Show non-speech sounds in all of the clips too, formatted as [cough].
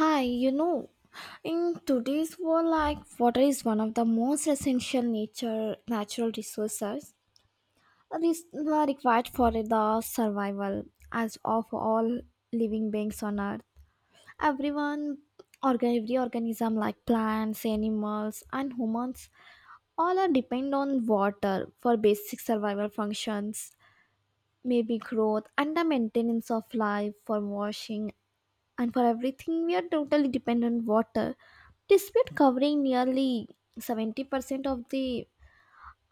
Hi, in today's world, like water is one of the most essential nature natural resources that is required for the survival as of all living beings on earth. Everyone, every organism like plants, animals, and humans, all are depend on water for basic survival functions, maybe growth and the maintenance of life for washing and for everything we are totally dependent on water despite covering nearly 70% of the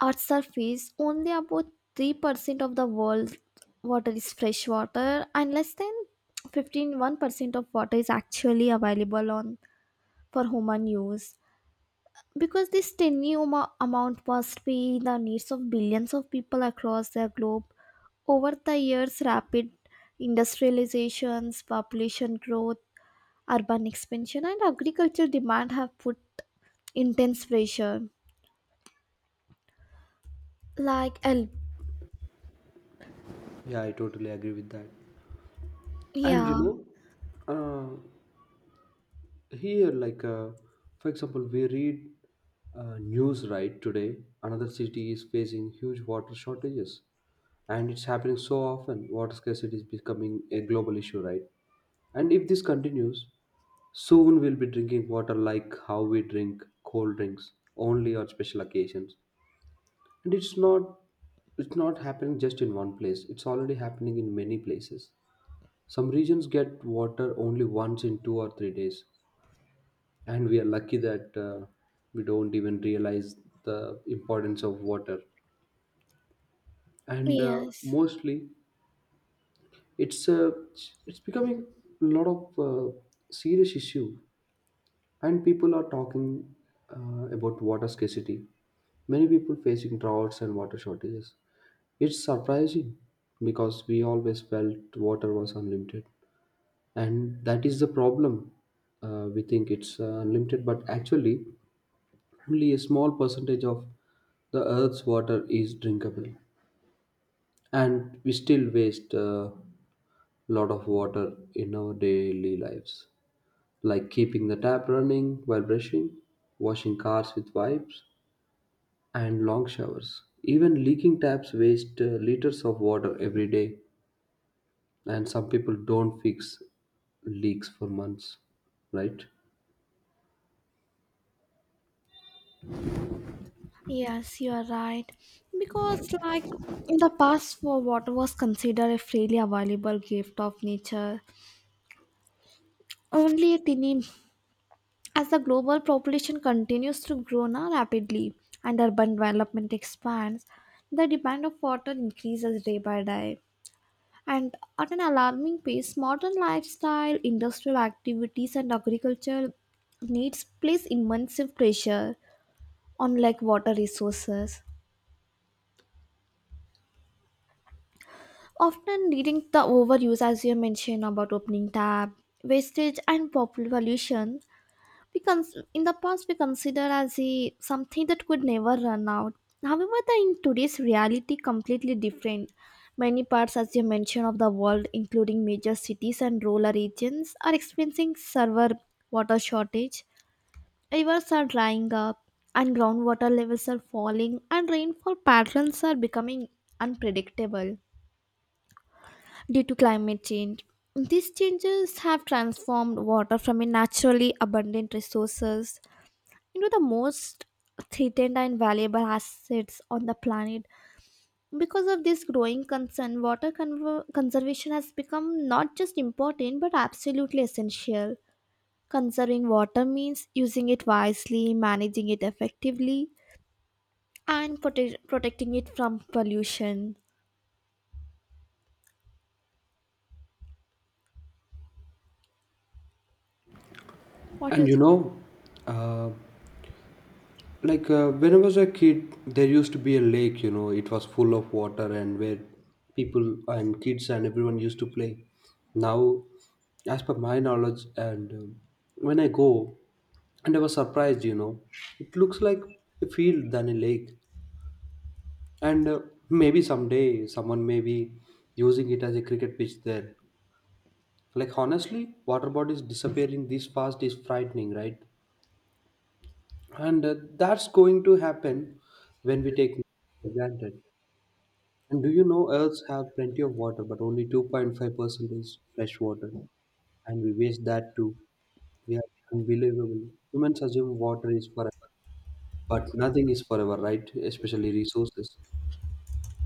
earth's surface only about 3% of the world's water is fresh water and less than fifteen one percent of water is actually available on for human use because this tiny amount must be the needs of billions of people across the globe over the years rapid industrializations population growth urban expansion and agriculture demand have put intense pressure. like el- Yeah, I totally agree with that. And you yeah. know, uh, here, like, for example, we read news right today, another city is facing huge water shortages. And it's happening so often. Water scarcity is becoming a global issue, right? And if this continues, soon we'll be drinking water like how we drink cold drinks, only on special occasions. And it's not happening just in one place. It's already happening in many places. Some regions get water only once in 2 or 3 days, and we are lucky that we don't even realize the importance of water. And Yes, mostly, it's it's becoming a lot of serious issue, and people are talking about water scarcity. Many people facing droughts and water shortages. It's surprising because we always felt water was unlimited. And that is the problem. We think it's unlimited, but actually only a small percentage of the earth's water is drinkable, and we still waste a lot of water in our daily lives, like keeping the tap running while brushing, washing cars with wipes, and long showers. Even leaking taps waste liters of water every day, and some people don't fix leaks for months, right? yes, you are right because like in the past for water was considered a freely available gift of nature only a tiny as the global population continues to grow now rapidly and urban development expands the demand of water increases day by day. And at an alarming pace, modern lifestyle, industrial activities, and agriculture needs place immense pressure on like water resources, often leading to overuse, as you mentioned about opening tap, wastage, and popular pollution. In the past we considered as a something that could never run out. However, the in today's reality completely different. Many parts, as you mentioned, of the world including major cities and rural regions are experiencing severe water shortage. Rivers are drying up and groundwater levels are falling and rainfall patterns are becoming unpredictable due to climate change. These changes have transformed water from a naturally abundant resources, the most threatened and valuable assets on the planet. Because of this growing concern water conservation has become not just important but absolutely essential. Conserving water means using it wisely managing it effectively and protecting it from pollution. What do you And you think? know, uh, like when I was a kid, there used to be a lake, you know, it was full of water and where people and kids and everyone used to play. Now, as per my knowledge, and when I go, and I was surprised, you know, it looks like a field than a lake. And maybe someday someone may be using it as a cricket pitch there. Like, honestly, water bodies disappearing this fast is frightening, right? And that's going to happen when we take for granted. And do you know Earths have plenty of water, but only 2.5% is fresh water, and we waste that too. We are unbelievable. Humans assume water is forever, but nothing is forever, right? Especially resources.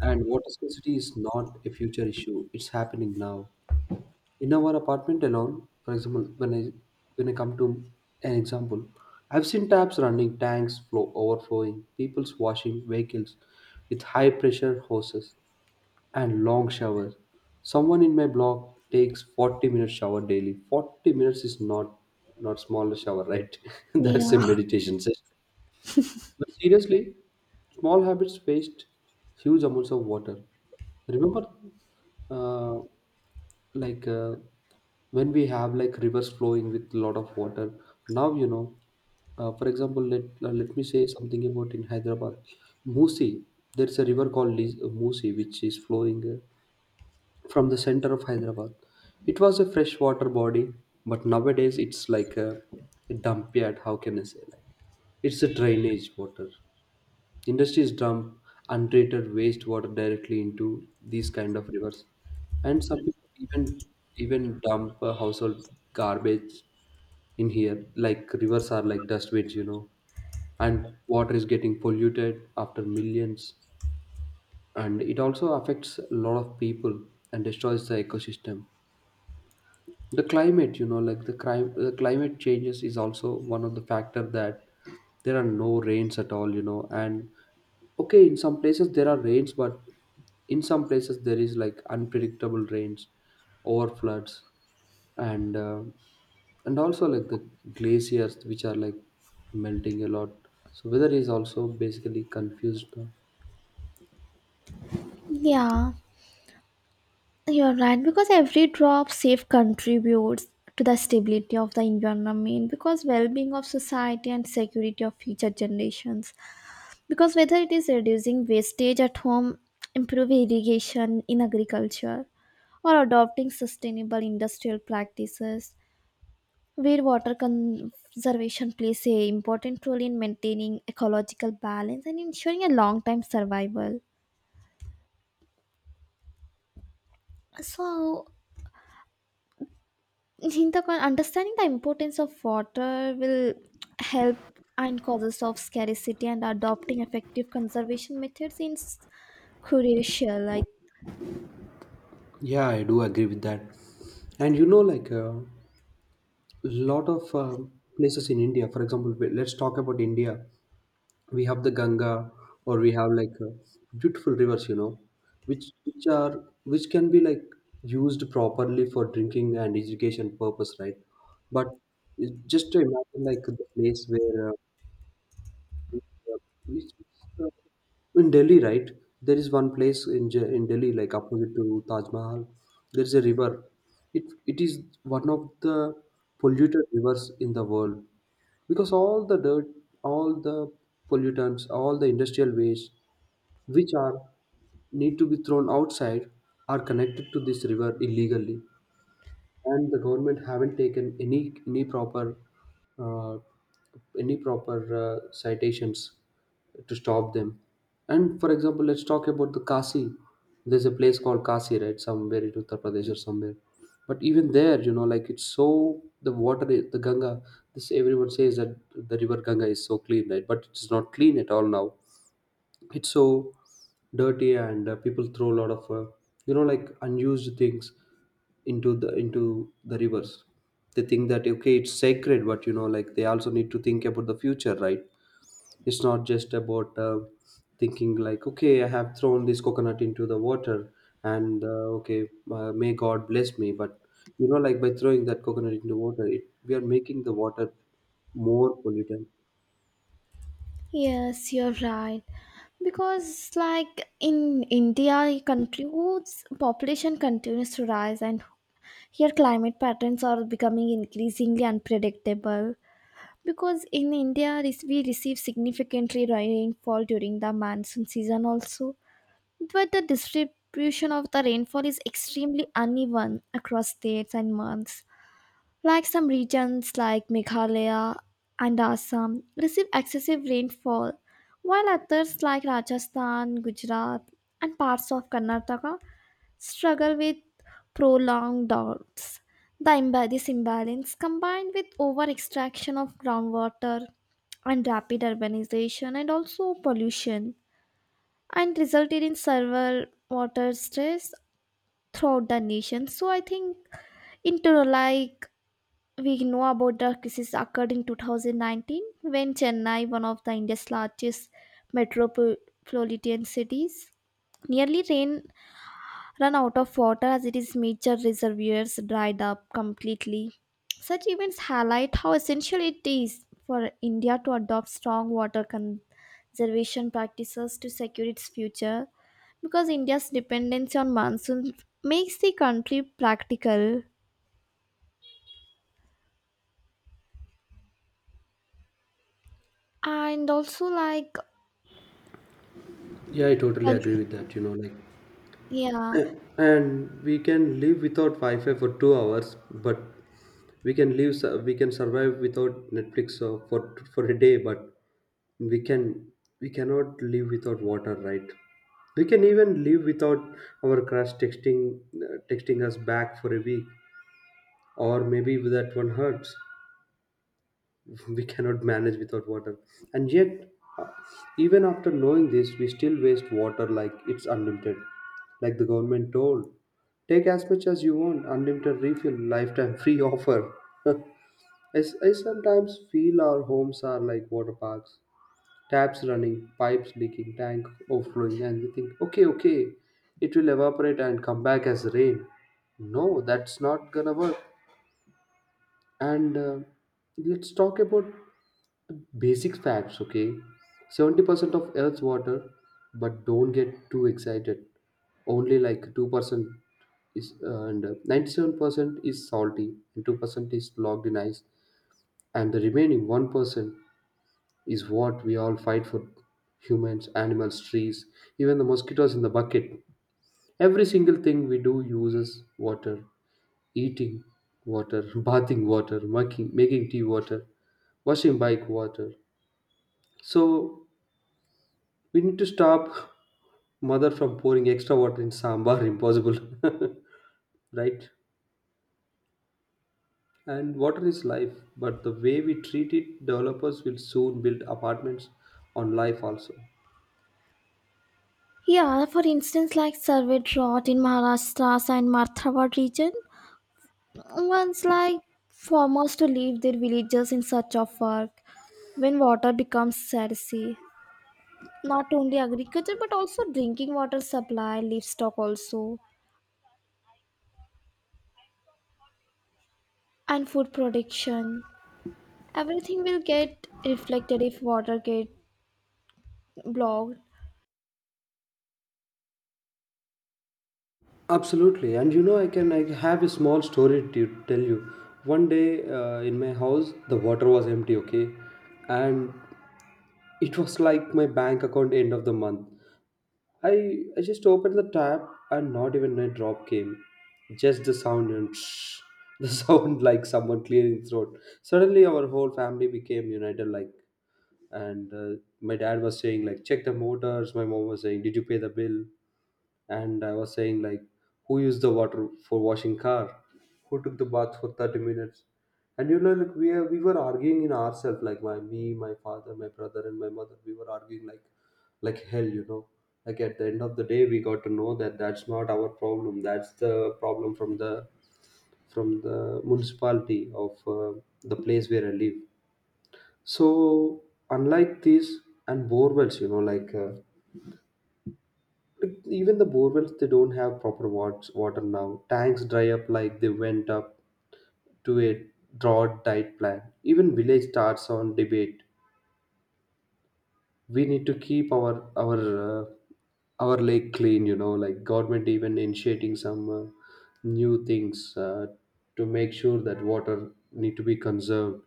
And water scarcity is not a future issue, it's happening now. In our apartment alone, for example, when I come to an example, I've seen taps running, tanks flow overflowing, people's washing vehicles with high pressure hoses and long showers. Someone in my block takes 40-minute shower daily. 40 minutes is not not small shower, right? [laughs] That's a Yeah. meditation session. But seriously, small habits waste huge amounts of water. Remember, uh, like when we have like rivers flowing with a lot of water now, you know, for example, let me say something about in Hyderabad. Musi There's a river called Musi, which is flowing from the center of Hyderabad. It was a freshwater body, but nowadays it's like a dump yard. How can I say, like it's a drainage water. Industries dump untreated wastewater directly into these kind of rivers, and some people even even dump household garbage in here. Like rivers are like dustbins, you know, and water is getting polluted after millions, and it also affects a lot of people and destroys the ecosystem. The climate, you know, like the climate changes is also one of the factor that there are no rains at all, you know. And okay, in some places there are rains, but in some places there is like unpredictable rains, over floods. And and also like the glaciers which are like melting a lot, so weather is also basically confused now. Yeah. You're right, because every drop saved contributes to the stability of the environment, because well-being of society and security of future generations. Because whether it is reducing wastage at home, improve irrigation in agriculture, or adopting sustainable industrial practices, where water conservation plays a important role in maintaining ecological balance and ensuring a long-term survival. So Hinta Khan, understanding the importance of water will help and causes of scarcity and adopting effective conservation methods is crucial. Like, Yeah, I do agree with that. And you know, like lot of places in India. For example, we- let's talk about India. We have the Ganga, or we have like beautiful rivers, you know, which can be like used properly for drinking and education purpose, right? But it- just to imagine like the place where which, uh, in Delhi, right? There is one place in in Delhi, like opposite to Taj Mahal. There is a river. It is one of the polluted rivers in the world because all the dirt, all the pollutants, all the industrial waste which are need to be thrown outside are connected to this river illegally, and the government haven't taken any proper uh, any proper citations to stop them. And for example, let's talk about the Kasi. There's a place called Kasi, right? Somewhere in Uttar Pradesh or somewhere. But even there, you know, like it's so the water, the Ganga. This everyone says that the river Ganga is so clean, right? But it's not clean at all now. It's so dirty, and people throw a lot of you know, like unused things into the rivers. They think that okay it's sacred, but you know, like they also need to think about the future, right? It's not just about thinking like okay I have thrown this coconut into the water and okay may god bless me, but you know, like by throwing that coconut into water it, we are making the water more polluted. yes, you're right. Because, like, in India, country whose population continues to rise, and here climate patterns are becoming increasingly unpredictable. Because in India, we receive significantly rainfall during the monsoon season also. But the distribution of the rainfall is extremely uneven across states and months. Like some regions like Meghalaya and Assam receive excessive rainfall, while others like Rajasthan, Gujarat, and parts of Karnataka struggle with prolonged droughts. This imbalance, combined with over extraction of groundwater and rapid urbanization and also pollution, and resulted in several water stress throughout the nation. So I think in total, like we know about the crisis occurred in 2019 when Chennai, one of the India's largest metropolitan cities, nearly ran run out of water as it is major reservoirs dried up completely. Such events highlight how essential it is for India to adopt strong water conservation practices to secure its future because India's dependency on monsoon makes the country practical and also like. Yeah, I totally uh, agree with that, you know, like. yeah. And we can live without Wi-Fi for 2 hours, but we can we can survive without Netflix for a day, but we can, we cannot live without water, right? We can even live without our crush texting texting us back for a week, or maybe that one hurts. [laughs] We cannot manage without water, and yet uh, even after knowing this we still waste water like it's unlimited. Like the government told take as much as you want, unlimited refill lifetime free offer. [laughs] I, I sometimes feel our homes are like water parks, taps running, pipes leaking, tank overflowing, and we think okay, okay, it will evaporate and come back as rain. No, that's not gonna work. And let's talk about basic facts, okay? 70% of Earth's water, but don't get too excited. Only like 2% is, and 97% is salty, and 2% is locked in ice. And the remaining 1% is what we all fight for. Humans, animals, trees, even the mosquitoes in the bucket. Every single thing we do uses water. Eating water, [laughs] bathing water, making tea water, washing bike water. So we need to stop [laughs] mother from pouring extra water in sambar. [laughs] Impossible, [laughs] right? And water is life, but the way we treat it, developers will soon build apartments on life also. Yeah, for instance, like survey drought in Maharashtra's and Marthawad region. Once like farmers to leave their villages in search of work when water becomes scarce. Not only agriculture but also drinking water supply, livestock also, and food production. Everything will get reflected if water get blocked. Absolutely, and you know, I have a small story to tell you. One day in my house, the water was empty, okay, and it was like my bank account end of the month. I just opened the tap and not even a drop came. Just the sound and shh, the [laughs] sound like someone clearing throat. Suddenly our whole family became united, like. And my dad was saying like check the motors, my mom was saying did you pay the bill? And I was saying like, who used the water for washing car? Who took the bath for 30 minutes? And you know, like we were arguing in ourselves, like my father, my brother, and my mother. We were arguing like hell, you know. Like at the end of the day, we got to know that that's not our problem. That's the problem from the municipality of the place where I live. So unlike these and bore wells, you know, like. Like, even the borewells they don't have proper water now, tanks dry up, like they went up to a drought diet plan. Even village starts on debate, we need to keep our uh, our lake clean, you know, like government even initiating some new things to make sure that water need to be conserved,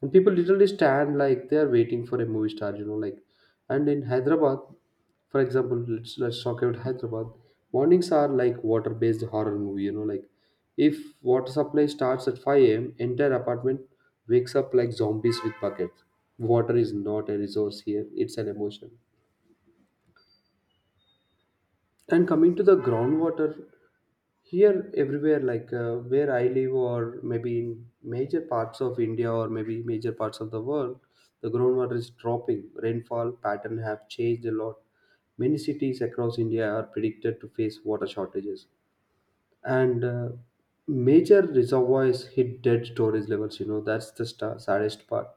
and people literally stand like they are waiting for a movie star, you know, like. And in Hyderabad, for example, let's talk about Hyderabad. Mornings are like water-based horror movie, you know, like if water supply starts at 5 a.m., entire apartment wakes up like zombies with buckets. Water is not a resource here; it's an emotion. And coming to the groundwater, here everywhere, like where I live, or maybe in major parts of India, or maybe major parts of the world, the groundwater is dropping. Rainfall pattern have changed a lot. Many cities across India are predicted to face water shortages, and major reservoirs hit dead storage levels. You know that's the sta saddest part.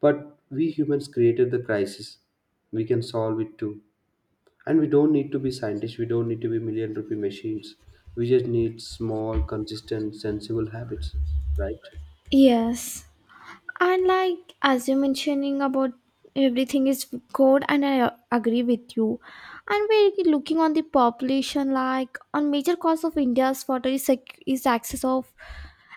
But we humans created the crisis. We can solve it too. And we don't need to be scientists, we don't need to be million rupee machines. We just need small, consistent, sensible habits, right? Yes. And like as you're mentioning about everything is good and I agree with you. And we're looking on the population like on major cause of India's water is, is access of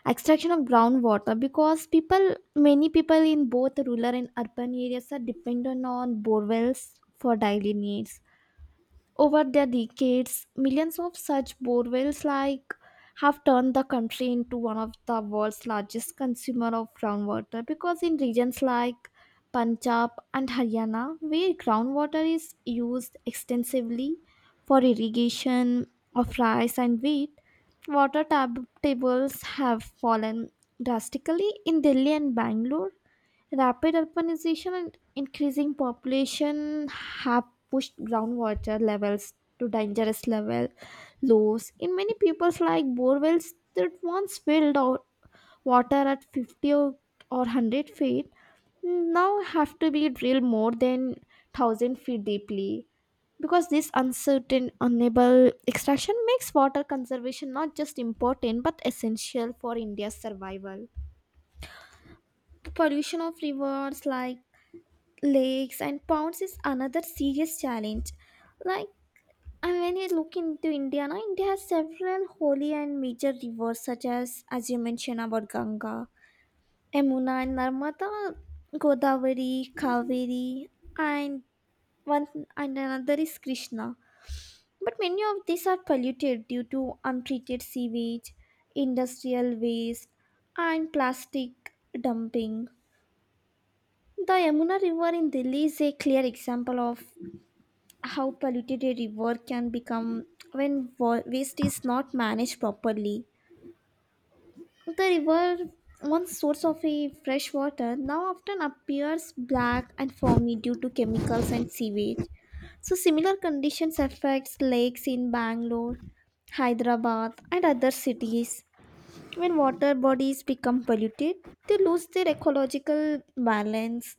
extraction of groundwater because people many people in both rural and urban areas are dependent on borewells for daily needs. Over the decades, millions of such borewells like have turned the country into one of the world's largest consumer of groundwater because in regions like Punjab and Haryana where groundwater is used extensively for irrigation of rice and wheat, water tables have fallen drastically in Delhi and Bangalore. Rapid urbanization and increasing population have pushed groundwater levels to dangerous level lows. In many people's like borewells that once filled out water at 50 or 100 feet now have to be drilled more than 1,000 feet deeply because this uncertain unable extraction makes water conservation not just important but essential for india's survival. The pollution of rivers like lakes and ponds is another serious challenge. Like and when you look into India, now India has several holy and major rivers such as you mentioned about Ganga, Yamuna and Narmada, Godavari, Kaveri, and one and another is Krishna. But many of these are polluted due to untreated sewage, industrial waste, and plastic dumping. The Yamuna River in Delhi is a clear example of how polluted a river can become when waste is not managed properly. The river, once source of a fresh water, now often appears black and foamy due to chemicals and sewage. So similar conditions affects lakes in Bangalore, Hyderabad, and other cities. When water bodies become polluted, they lose their ecological balance.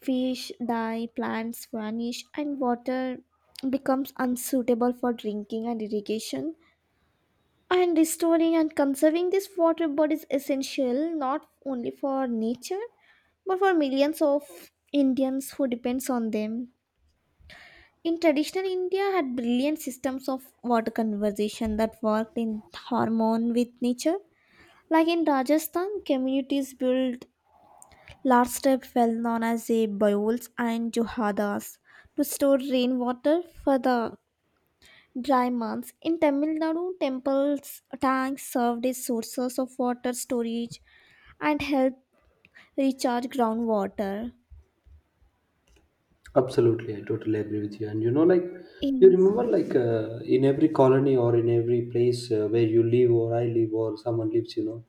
Fish die, plants vanish, and water becomes unsuitable for drinking and irrigation. And restoring and conserving this water body is essential not only for nature but for millions of Indians who depends on them. In traditional India had brilliant systems of water conservation that worked in harmony with nature. Like in Rajasthan, communities built large type well known as the bowls and juhadas to store rainwater for the dry months. In Tamil Nadu, temples tanks served as sources of water storage and help recharge groundwater. Absolutely, I totally agree with you. And like, you In remember, like, in every colony or in every place where you live or I live or someone lives, you know,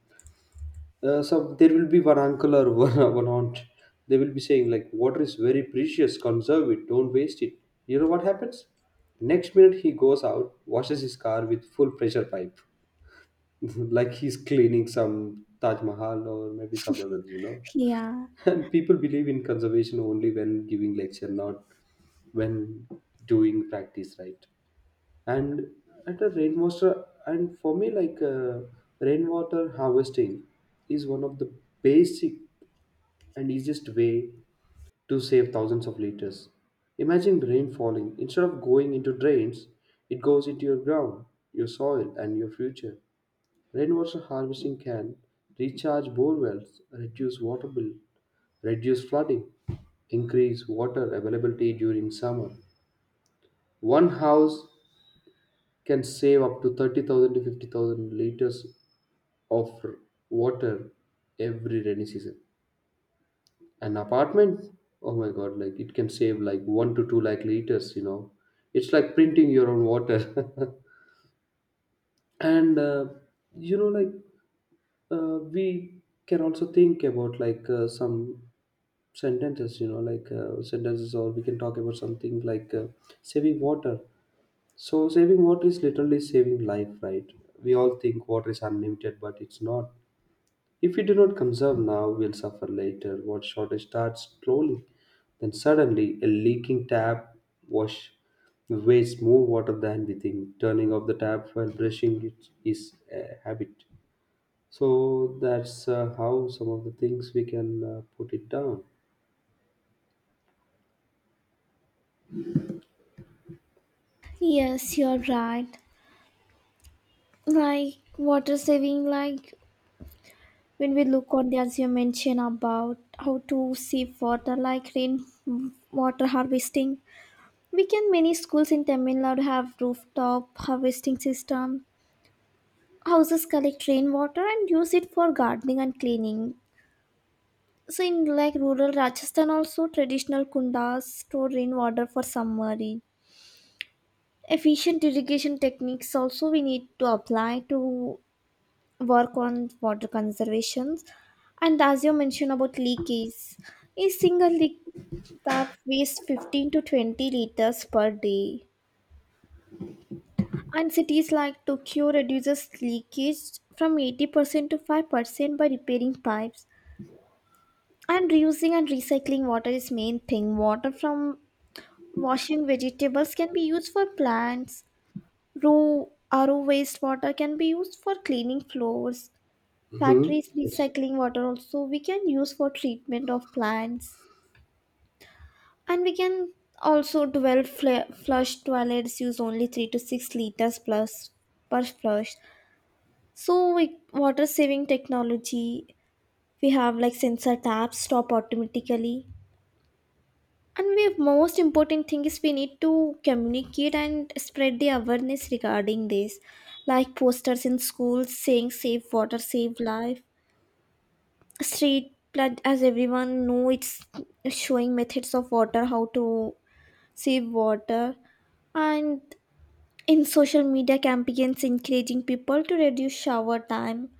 uh, so there will be one uncle or [laughs] one aunt. They will be saying, like, water is very precious, conserve it, don't waste it. You know what happens? Next minute, he goes out, washes his car with full pressure pipe. [laughs] Like he's cleaning some Taj Mahal or maybe some others. Yeah, [laughs] And people believe in conservation only when giving lecture, not when doing practice, right? And at a rainwater, and for me, like rainwater harvesting is one of the basic and easiest way to save thousands of liters. Imagine rain falling instead of going into drains, it goes into your ground, your soil, and your future. Rainwater harvesting can recharge bore wells, reduce water bill, reduce flooding, increase water availability during summer. One house can save up to 30,000 to 50,000 liters of water every rainy season. An apartment, oh my god, like it can save like 1 to 2 lakh liters. It's like printing your own water. [laughs] And like we can also think about like some sentences like sentences or we can talk about something like saving water. So saving water is literally saving life, right? We all think water is unlimited, but it's not. If we do not conserve now, we'll suffer later. Water shortage starts slowly, then suddenly a leaking tap wash wastes more water than we think. Turning off the tap while brushing it is a habit. So that's how some of the things we can put it down. yes, you're right. Like water saving, like when we look on the as you mentioned about how to save water, like rain water harvesting. We can many schools in Tamil Nadu have rooftop harvesting system. Houses collect rain water and use it for gardening and cleaning. So in like rural Rajasthan also traditional kundas store rainwater for submerged. Efficient irrigation techniques also we need to apply to work on water conservation. And as you mentioned about leakage, a single leak tap wastes 15 to 20 liters per day. And cities like Tokyo reduces leakage from 80% to 5% by repairing pipes. And reusing and recycling water is main thing. Water from washing vegetables can be used for plants. Raw RO wastewater can be used for cleaning floors. Hmm. Factories Yes, recycling water also we can use for treatment of plants. And we can also 12 flush toilets use only 3 to 6 liters plus per flush. So with water saving technology, we have like sensor taps stop automatically. And we most important thing is we need to communicate and spread the awareness regarding this. Like posters in schools saying save water, save life. Street flood as everyone know it's showing methods of water, how to save water. And in social media campaigns encouraging people to reduce shower time.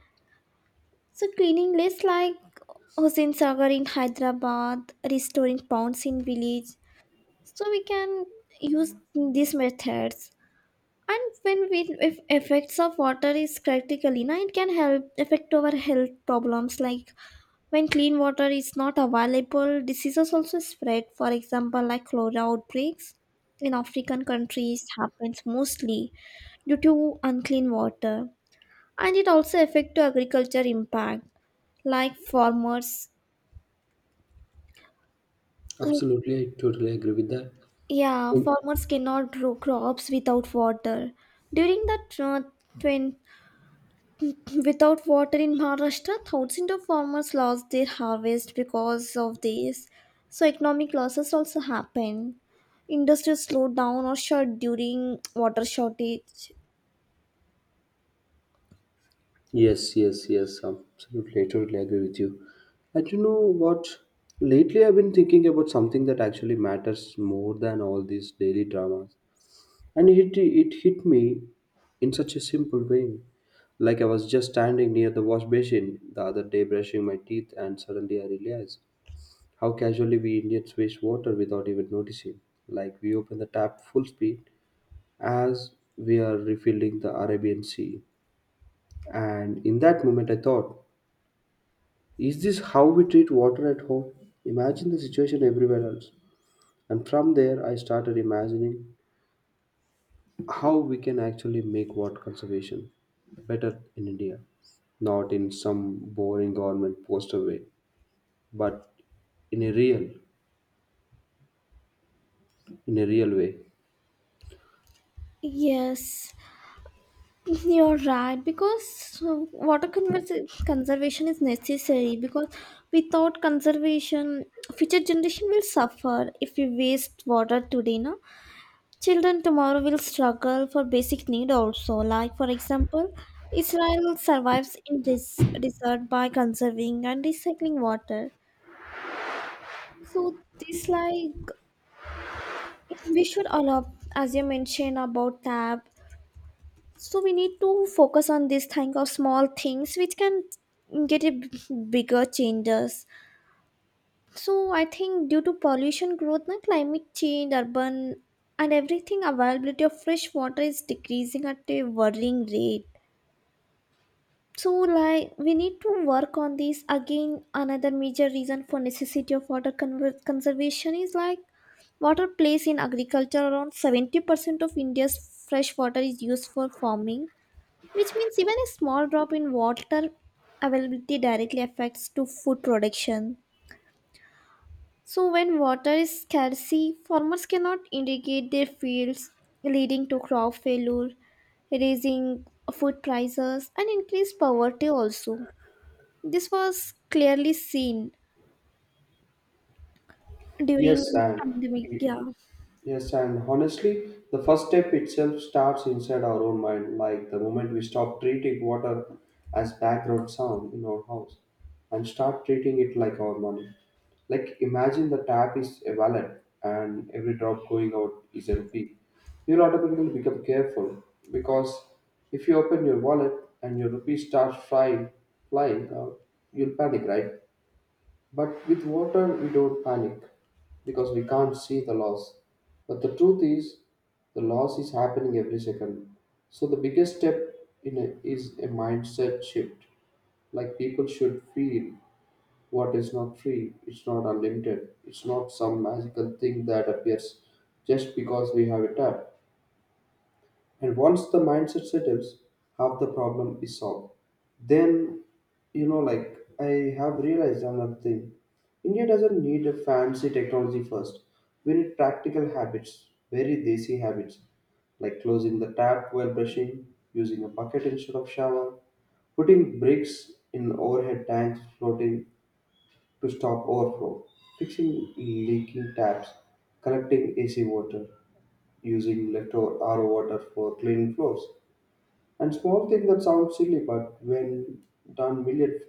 So cleaning lists like Hussain Sagar in Hyderabad, restoring ponds in village. So we can use these methods. And when we if effects of water is critically now it can help affect our health problems like when clean water is not available, diseases also spread. For example, like cholera outbreaks in African countries happens mostly due to unclean water. And it also affect to agriculture impact like farmers. absolutely, I totally agree with that. Yeah, Oh, farmers cannot grow crops without water during the twin without water in Maharashtra thousands of farmers lost their harvest because of this. So economic losses also happen industries slowed down or shut during water shortage. yes, yes, yes. Absolutely, I totally agree with you. And you know what? Lately, I've been thinking about something that actually matters more than all these daily dramas, and it hit me in such a simple way. Like I was just standing near the wash basin the other day, brushing my teeth, and suddenly I realized how casually we Indians waste water without even noticing. Like we open the tap full speed as we are refilling the Arabian Sea. And in that moment, I thought, is this how we treat water at home? Imagine the situation everywhere else. And from there, I started imagining how we can actually make water conservation better in India, not in some boring government poster way, but in a real, in a real way. Yes. You're right, because water conservation is necessary. Because without conservation, future generation will suffer if we waste water today. No, children tomorrow will struggle for basic need also. Like for example, Israel survives in this desert by conserving and recycling water. So this like we should allow, as you mentioned about tap, so we need to focus on this thing of small things which can get a bigger changes. So I think due to pollution growth na climate change urban and everything availability of fresh water is decreasing at a worrying rate. So like we need to work on this again another major reason for necessity of water conservation is like water plays in agriculture around 70% of india's fresh water is used for farming which means even a small drop in water availability directly affects to food production. So when water is scarcity, farmers cannot irrigate their fields, leading to crop failure, raising food prices and increased poverty also. This was clearly seen Yes, during and pandemic. Yeah. Yes, and honestly, the first step itself starts inside our own mind, like the moment we stop treating water as background sound in our house and start treating it like our money. Like, imagine the tap is a wallet and every drop going out is a rupee. You'll automatically become careful because if you open your wallet and your rupee starts flying out, you'll panic, right? But with water, we don't panic because we can't see the loss. But the truth is, the loss is happening every second. So the biggest step is a mindset shift. Like people should feel what is not free, it's not unlimited, it's not some magical thing that appears just because we have a tap. And once the mindset settles, half the problem is solved. Then, like, I have realized another thing. India doesn't need a fancy technology first, we need practical habits, very desi habits, like closing the tap while brushing, using a bucket instead of shower, putting bricks in overhead tanks floating to stop overflow, fixing leaking taps, collecting AC water, using leftover RO water for cleaning floors. And small thing that sounds silly, but done million,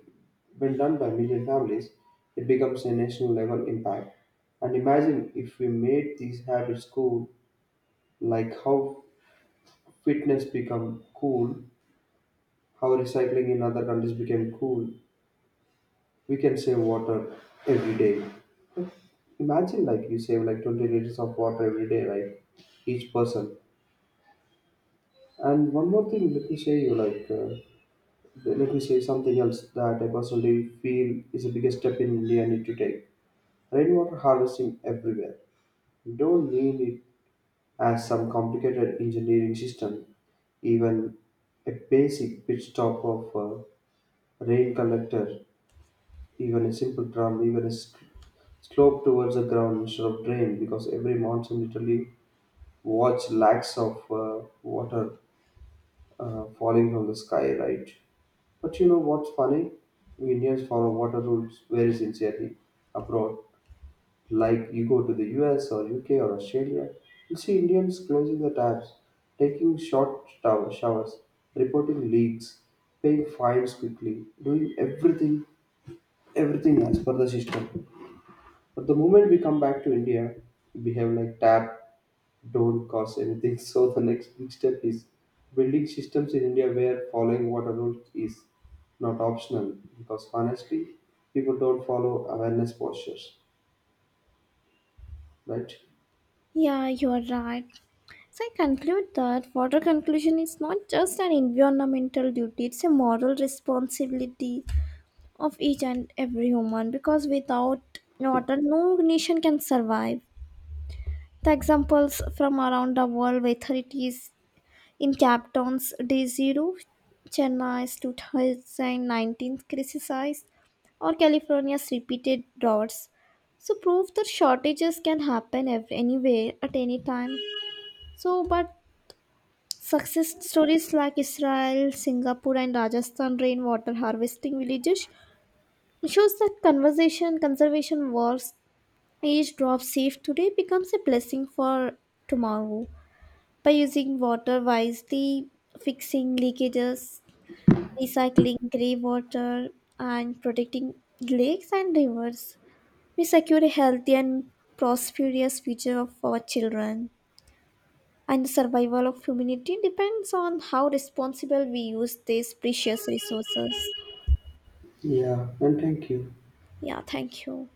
when done by million families, it becomes a national level impact. And imagine if we made these habits cool, like how fitness become cool, how recycling in other countries became cool. We can save water every day. Imagine like you save like 20 liters of water every day, right? Each person. And one more thing, let me share you like. Let me say something else that I personally feel is the biggest step in India need to take. Rainwater harvesting everywhere. We don't need it as some complicated engineering system. Even a basic pit stop of a rain collector, even a simple drum, even a slope towards the ground instead of drain, because every monsoon literally watch lakhs of water falling from the sky, right? But you know what's funny? We Indians follow water rules very sincerely abroad. Like you go to the US or UK or Australia, you see Indians closing the taps, taking short showers, reporting leaks, paying fines quickly, doing everything, everything as per the system. But the moment we come back to India, we behave like tap don't cause anything. So the next big step is building systems in India where following water rules is not optional because honestly, people don't follow awareness postures, right? Yeah, you're right. So I conclude that water conclusion is not just an environmental duty, it's a moral responsibility of each and every human because without water no nation can survive. The examples from around the world whether it is in Cape Town's day zero, Chennai's 2019 crisis or California's repeated droughts so prove that shortages can happen anywhere at any time. So but success stories like Israel, Singapore and Rajasthan rainwater harvesting villages, it shows that conservation works, each drop saved today becomes a blessing for tomorrow. By using water wisely, fixing leakages, recycling grey water, and protecting lakes and rivers, we secure a healthy and prosperous future of our children. And the survival of humanity depends on how responsible we use these precious resources. Yeah, and thank you. Yeah, thank you.